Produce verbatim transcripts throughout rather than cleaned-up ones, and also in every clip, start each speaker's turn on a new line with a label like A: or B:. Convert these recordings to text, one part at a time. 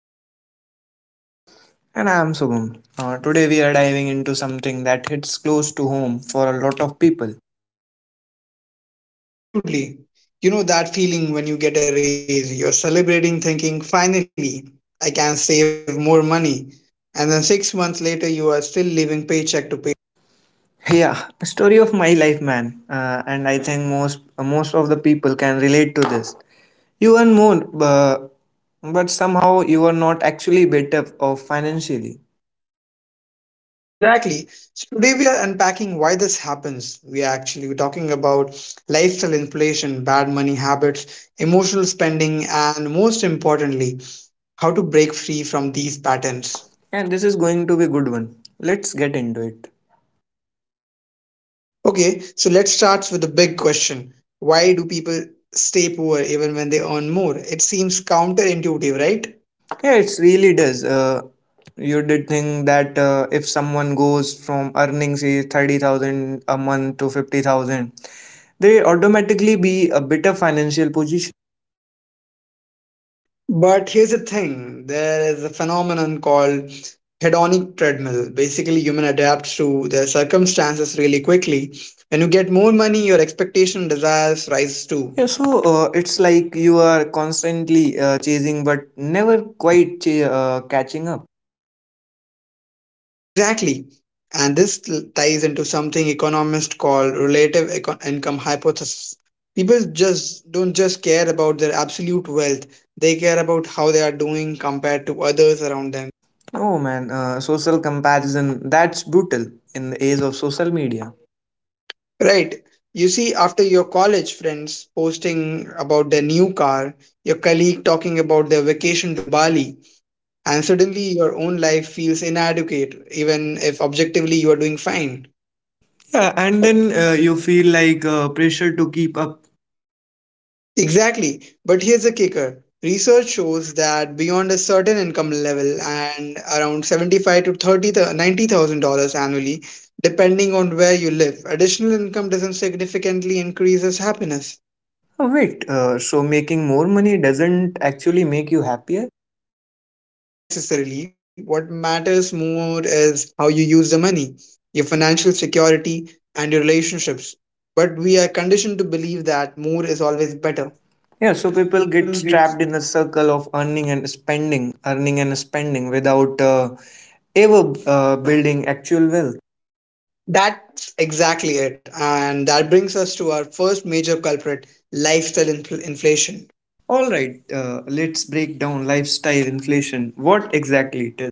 A: another episode. I'm Rohit.
B: And I am Subham. Uh, today we are diving into something that hits close to home for a lot of people.
A: Absolutely. You know that feeling when you get a raise, you're celebrating thinking, finally, I can save more money. And then six months later, you are still living paycheck to paycheck.
B: Yeah, a story of my life, man. Uh, and I think most most of the people can relate to this. You earn more, but but somehow you are not actually better off financially.
A: Exactly. So today we are unpacking why this happens. We are actually talking about lifestyle inflation, bad money habits, emotional spending, and most importantly, how to break free from these patterns.
B: And this is going to be a good one. Let's get into it.
A: Okay, so let's start with the big question. Why do people stay poor even when they earn more? It seems counterintuitive, right?
B: Yeah, it really does. Uh, you did think that uh, if someone goes from earning say thirty thousand a month to fifty thousand they automatically be a better financial position.
A: But here's the thing, there is a phenomenon called hedonic treadmill. Basically, human adapts to their circumstances really quickly. When you get more money, your expectation desires rise too.
B: Yeah, so uh, it's like you are constantly uh, chasing but never quite ch- uh, catching up.
A: Exactly. And this l- ties into something economists call relative eco- income hypothesis. People just don't just care about their absolute wealth, they care about how they are doing compared to others around them.
B: Oh man, uh, social comparison, that's brutal in the age of social media.
A: Right. You see, after your college friends posting about their new car, your colleague talking about their vacation to Bali, and suddenly your own life feels inadequate, even if objectively you are doing fine.
B: Yeah, and then uh, you feel like uh, pressure to keep up.
A: Exactly. But here's a kicker. Research shows that beyond a certain income level and around seventy-five to thirty to ninety thousand dollars annually, depending on where you live, additional income doesn't significantly increase as happiness.
B: Oh, wait, uh, so making more money doesn't actually make you happier?
A: Not necessarily. What matters more is how you use the money, your financial security, and your relationships. But we are conditioned to believe that more is always better.
B: Yeah, so people get trapped in the circle of earning and spending, earning and spending without uh, ever uh, building actual wealth.
A: That's exactly it. And that brings us to our first major culprit, lifestyle infl- inflation.
B: All right, uh, let's break down lifestyle inflation. What exactly it is?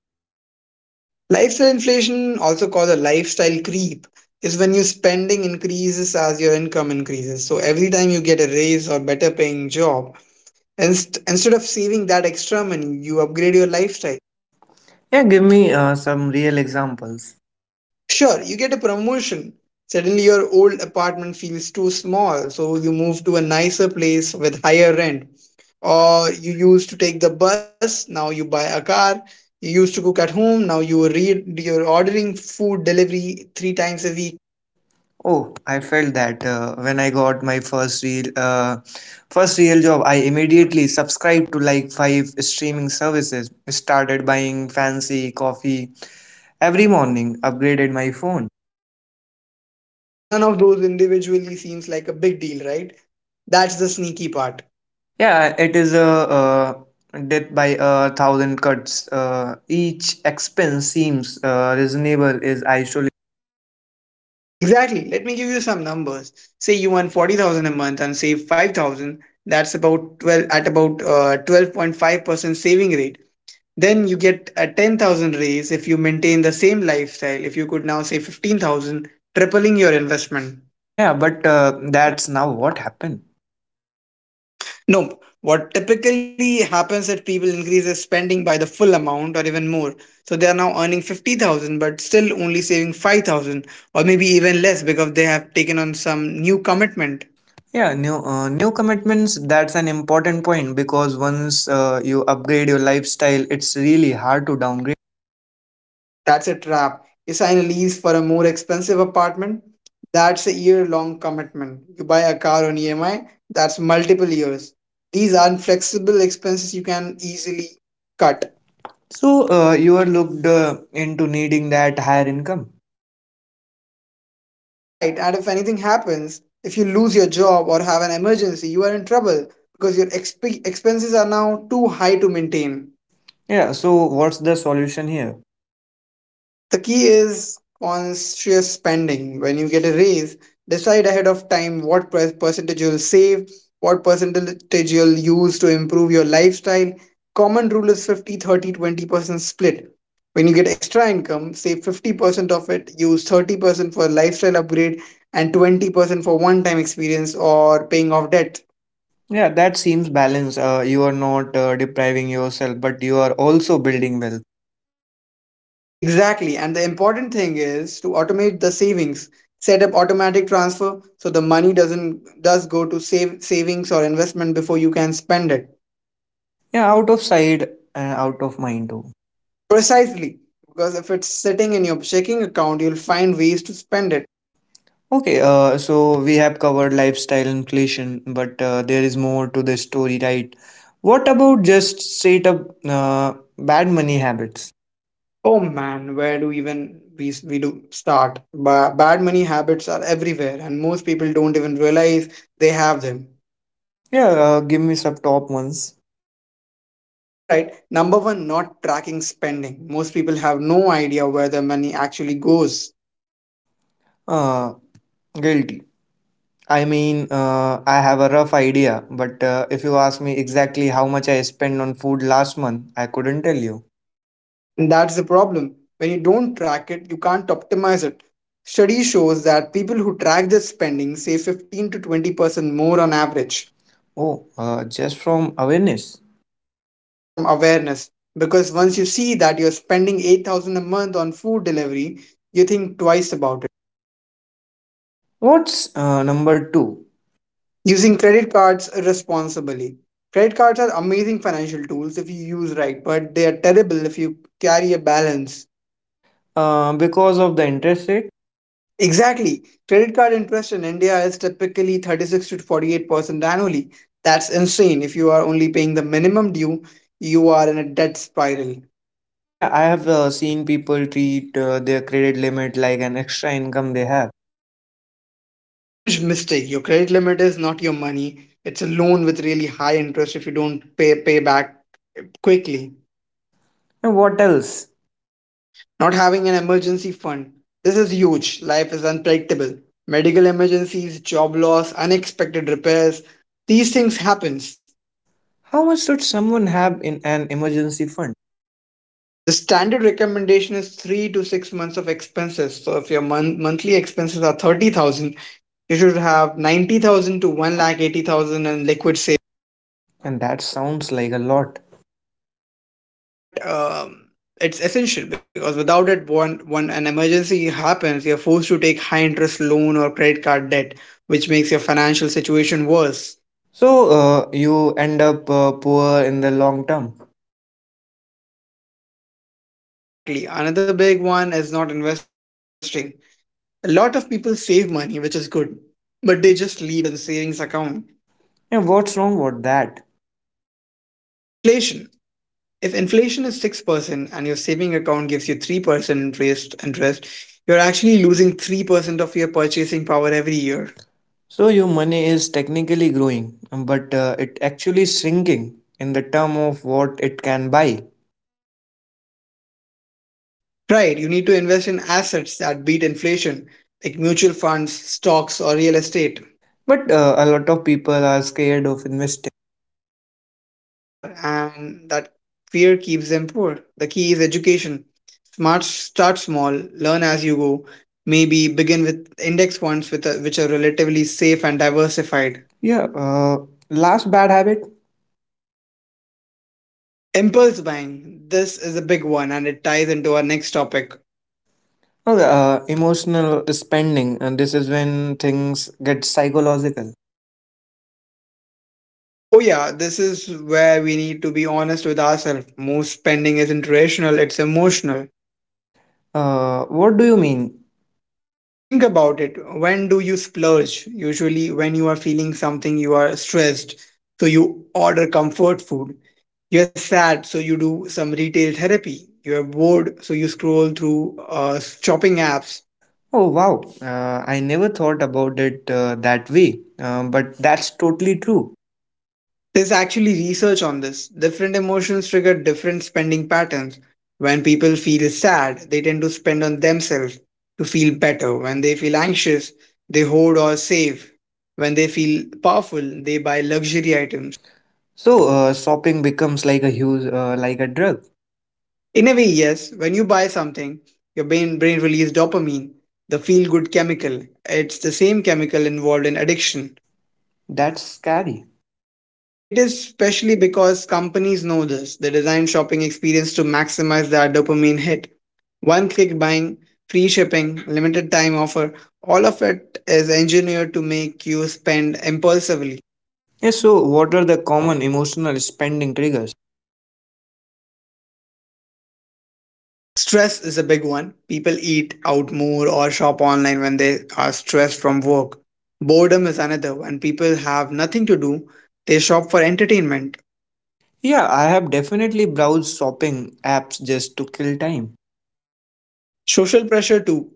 A: Lifestyle inflation, also called a lifestyle creep, is when your spending increases as your income increases. So every time you get a raise or better paying job, inst- instead of saving that extra money, you upgrade your lifestyle.
B: Yeah, give me uh, some real examples.
A: Sure, you get a promotion. Suddenly, your old apartment feels too small, so you move to a nicer place with higher rent. Or you used to take the bus, now you buy a car. You used to cook at home, now you read you're ordering food delivery three times a week.
B: Oh, I felt that uh, when I got my first real uh, first real job, I immediately subscribed to like five streaming services, started buying fancy coffee every morning, upgraded my phone.
A: And none of those individually seems like a big deal, right? That's the sneaky part.
B: Yeah, it is a, uh death by a thousand cuts. Uh, each expense seems uh, reasonable is I.
A: Exactly. Let me give you some numbers. Say you earn forty thousand a month and save five thousand. That's about twelve at about uh, twelve point five percent saving rate. Then you get a ten thousand raise. If you maintain the same lifestyle, if you could now say fifteen thousand, tripling your investment.
B: Yeah, but uh, that's now what happened.
A: No, what typically happens is people increase their spending by the full amount or even more. So they are now earning fifty thousand but still only saving five thousand, or maybe even less because they have taken on some new commitment.
B: Yeah, new uh, new commitments. That's an important point because once uh, you upgrade your lifestyle, it's really hard to downgrade.
A: That's a trap. You sign a lease for a more expensive apartment. That's a year long commitment. You buy a car on E M I. That's multiple years. These aren't flexible expenses you can easily cut.
B: So uh, you are looked uh, into needing that higher income.
A: Right. And if anything happens, if you lose your job or have an emergency, you are in trouble because your exp- expenses are now too high to maintain.
B: Yeah. So what's the solution here?
A: The key is conscious spending. When you get a raise, decide ahead of time what per- percentage you'll save, what percentage you'll use to improve your lifestyle. Common rule is fifty, thirty, twenty percent split. When you get extra income, save fifty percent of it, use thirty percent for lifestyle upgrade and twenty percent for one time experience or paying off debt.
B: Yeah, that seems balanced. Uh, you are not uh, depriving yourself, but you are also building wealth.
A: Exactly. And the important thing is to automate the savings. Set up automatic transfer so the money doesn't does go to save savings or investment before you can spend it.
B: Yeah, out of sight and out of mind too.
A: Precisely. Because if it's sitting in your checking account, you'll find ways to spend it.
B: Okay, uh, so we have covered lifestyle inflation, but uh, there is more to the story, right? What about just straight up uh, bad money habits?
A: Oh man, where do even we we do start? Ba- bad money habits are everywhere, and most people don't even realize they have them.
B: Yeah, uh, give me some top ones.
A: All right, number one, not tracking spending. Most people have no idea where their money actually goes.
B: Uh, guilty. I mean, uh, I have a rough idea, but uh, if you ask me exactly how much I spent on food last month, I couldn't tell you.
A: And that's the problem. When you don't track it, you can't optimize it. Study shows that people who track their spending save fifteen to twenty percent more on average
B: Oh, uh, just from awareness.
A: just from awareness. Because once you see that you're spending eight thousand a month on food delivery, you think twice about it.
B: What's uh, number two?
A: Using credit cards responsibly. Credit cards are amazing financial tools if you use right, but they are terrible if you carry a balance.
B: Uh, because of the interest.
A: Exactly. Credit card interest in India is typically thirty-six to forty-eight percent annually. That's insane. If you are only paying the minimum due, you are in a debt spiral.
B: Yeah, I have uh, seen people treat uh, their credit limit like an extra income they have.
A: That's a huge mistake. Your credit limit is not your money. It's a loan with really high interest if you don't pay pay back quickly.
B: And what else?
A: Not having an emergency fund. This is huge. Life is unpredictable. Medical emergencies, job loss, unexpected repairs. These things happen.
B: How much should someone have in an emergency fund?
A: The standard recommendation is three to six months of expenses. So if your mon- monthly expenses are thirty thousand, you should have ninety thousand to one lakh eighty thousand in liquid savings.
B: And that sounds like a lot.
A: But um, it's essential because without it, one one an emergency happens, you're forced to take high interest loan or credit card debt, which makes your financial situation worse.
B: So uh, you end up uh, poor in the long term.
A: Exactly. Another big one is not investing. A lot of people save money, which is good, but they just leave it in savings account.
B: And what's wrong with that?
A: Inflation. If inflation is six percent and your saving account gives you three percent interest, interest, you're actually losing three percent of your purchasing power every year.
B: So your money is technically growing, but uh, it actually shrinking in the term of what it can buy.
A: Right, you need to invest in assets that beat inflation, like mutual funds, stocks, or real estate.
B: But uh, a lot of people are scared of investing.
A: They are, and that fear keeps them poor. The key is education. Smart, start small, learn as you go. Maybe begin with index funds with a, which are relatively safe and diversified.
B: Yeah, uh, last bad habit.
A: Impulse buying. This is a big one and it ties into our next topic.
B: Okay. yeah, uh, emotional spending, and this is when things get psychological.
A: Oh, yeah, this is where we need to be honest with ourselves. Most spending isn't rational, it's emotional.
B: Uh, what do you mean?
A: Think about it. When do you splurge? Usually, when you are feeling something, you are stressed, so you order comfort food. You're sad, so you do some retail therapy. You're bored, so you scroll through uh, shopping apps.
B: Oh, wow. Uh, I never thought about it uh, that way, uh, but that's totally true.
A: There's actually research on this. Different emotions trigger different spending patterns. When people feel sad, they tend to spend on themselves to feel better. When they feel anxious, they hoard or save. When they feel powerful, they buy luxury items.
B: So, uh, shopping becomes like a huge, uh, like a drug.
A: In a way, yes, when you buy something, your brain, brain releases dopamine, the feel good chemical. It's the same chemical involved in addiction.
B: That's scary.
A: It is, especially because companies know this. They design shopping experience to maximize their dopamine hit. One click buying, free shipping, limited time offer, all of it is engineered to make you spend impulsively.
B: Yes, so what are the common emotional spending triggers?
A: Stress is a big one. People eat out more or shop online when they are stressed from work. Boredom is another. When people have nothing to do, they shop for entertainment.
B: Yeah, I have definitely browsed shopping apps just to kill time.
A: Social pressure too.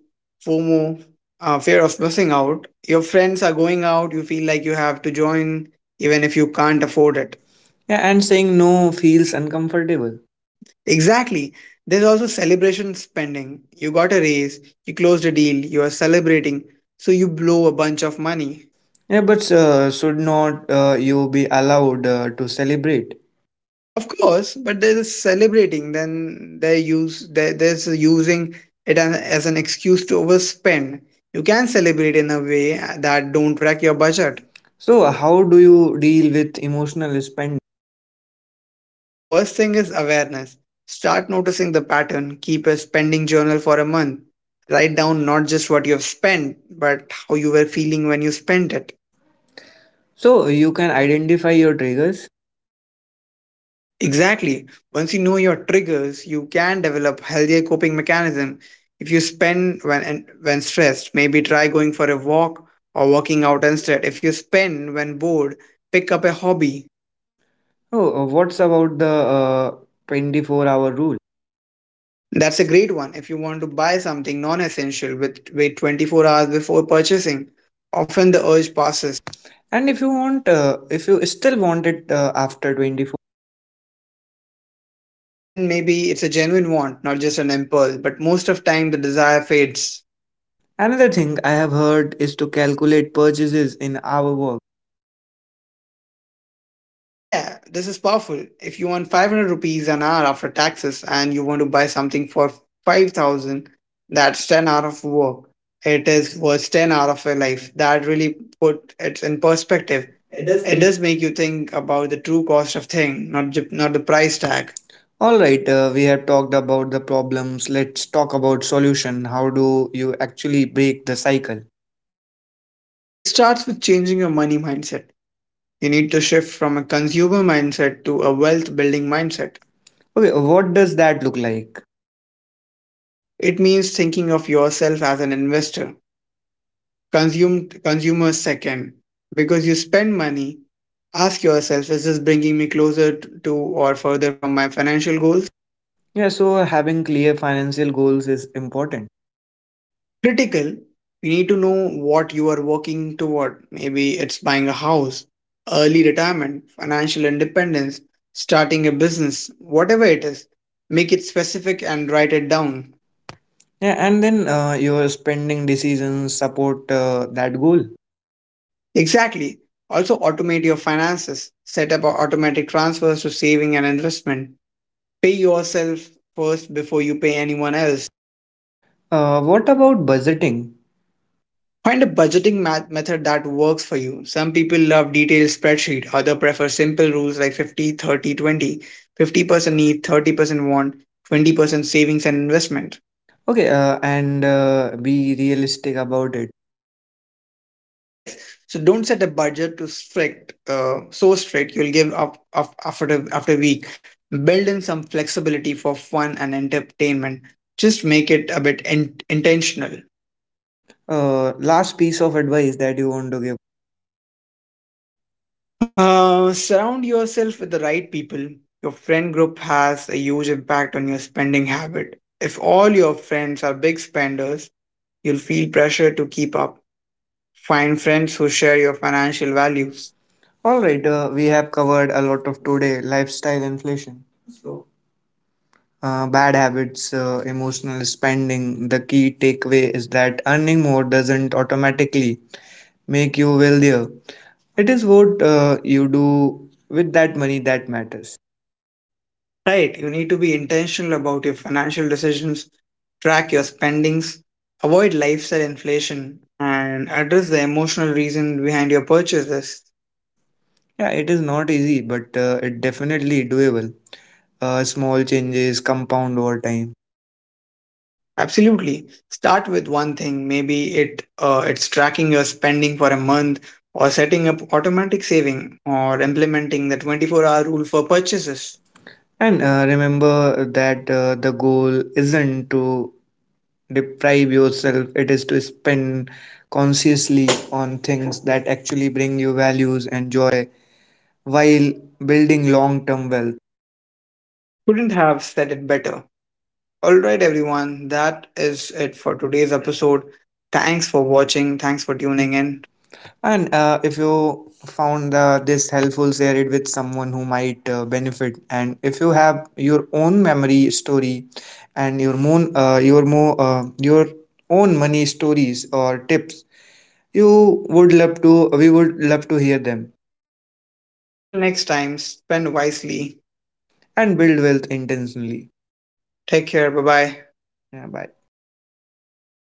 A: fomo, uh, fear of missing out. Your friends are going out, you feel like you have to join even if you can't afford it.
B: Yeah, and saying no feels uncomfortable.
A: Exactly. There's also celebration spending. You got a raise, you closed a deal, you are celebrating, so you blow a bunch of money.
B: Yeah, but uh, should not uh, you be allowed uh, to celebrate?
A: Of course, but there's a celebrating, then they use there, there's a using it an- as an excuse to overspend. You can celebrate in a way uh, that don't wreck your budget.
B: So, how do you deal with emotional spend?
A: First thing is awareness. Start noticing the pattern. Keep a spending journal for a month. Write down not just what you have spent, but how you were feeling when you spent it.
B: So, you can identify your triggers.
A: Exactly. Once you know your triggers, you can develop healthier coping mechanism. If you spend when and when stressed, maybe try going for a walk or working out instead. If you spend when bored, pick up a hobby.
B: Oh, uh, what's about the uh, twenty-four hour rule?
A: That's a great one. If you want to buy something non-essential, with wait twenty-four hours before purchasing. Often the urge passes,
B: And if you want, uh, if you still want it uh, after twenty-four,
A: then maybe it's a genuine want, not just an impulse. But most of time, the desire fades.
B: another thing I have heard is to calculate purchases in our work.
A: Yeah, this is powerful. If you want five hundred rupees an hour after taxes and you want to buy something for five thousand, that's ten hour of work. It is worth ten hour of your life. That really put it in
B: Yes,
A: perspective.
B: it does
A: It
B: make.
A: does make you think about the true cost of thing, not ju- not the price tag.
B: All right, uh, we have talked about the problems. Let's talk about solution. How do you actually break the cycle?
A: It starts with changing your money mindset. You need to shift from a consumer mindset to a wealth building mindset.
B: Okay, what does that look like?
A: It means thinking of yourself as an investor, consume, consumer second. Because you spend money, ask yourself, is this bringing me closer to or further from my financial goals?
B: Yeah, so having clear financial goals is important.
A: Critical, you need to know what you are working toward. Maybe it's buying a house, early retirement, financial independence, starting a business, whatever it is. Make it specific and write it down.
B: Yeah, and then uh, your spending decisions support uh, that goal.
A: Exactly. Also, automate your finances. Set up automatic transfers to saving and investment. Pay yourself first before you pay anyone else.
B: Uh, what about budgeting?
A: Find a budgeting ma- method that works for you. Some people love detailed spreadsheet, others prefer simple rules like fifty, thirty, fifty percent need, thirty percent want, twenty percent savings and investment.
B: Okay, uh, and uh, be realistic about it.
A: Yes. So don't set a budget to strict, uh, so strict you'll give up, up after the, after a week. Build in some flexibility for fun and entertainment. Just make it a bit in- intentional.
B: Uh, last piece of advice that you want to give.
A: Uh, surround yourself with the right people. Your friend group has a huge impact on your spending habit. If all your friends are big spenders, you'll feel pressure to keep up. Find friends who share your financial values.
B: All right, uh, we have covered a lot of today lifestyle inflation, so, uh, bad habits, uh, emotional spending. The key takeaway is that earning more doesn't automatically make you wealthier. It is what uh, you do with that money that matters.
A: Right, you need to be intentional about your financial decisions, track your spendings, avoid lifestyle inflation, and address the emotional reason behind your purchases.
B: Yeah, it is not easy, but uh, it definitely doable. Uh, small changes compound over time.
A: Absolutely. Start with one thing. Maybe it uh, it's tracking your spending for a month, or setting up automatic saving, or implementing the twenty-four-hour rule for purchases.
B: And uh, remember that uh, the goal isn't to deprive yourself, it is to spend consciously on things that actually bring you values and joy while building long term wealth.
A: Couldn't have said it better. All right, everyone. That is it for today's episode. Thanks for watching. Thanks for
B: And
A: tuning in.
B: And uh, if you found uh, this helpful, share it with someone who might uh, benefit. And if you have your own memory story and your moon, uh, your mo, uh, your own money stories or tips, you would love to. We would love to hear them
A: Until next time, spend wisely.
B: and build wealth intentionally.
A: Take care. Bye bye.
B: Yeah, bye.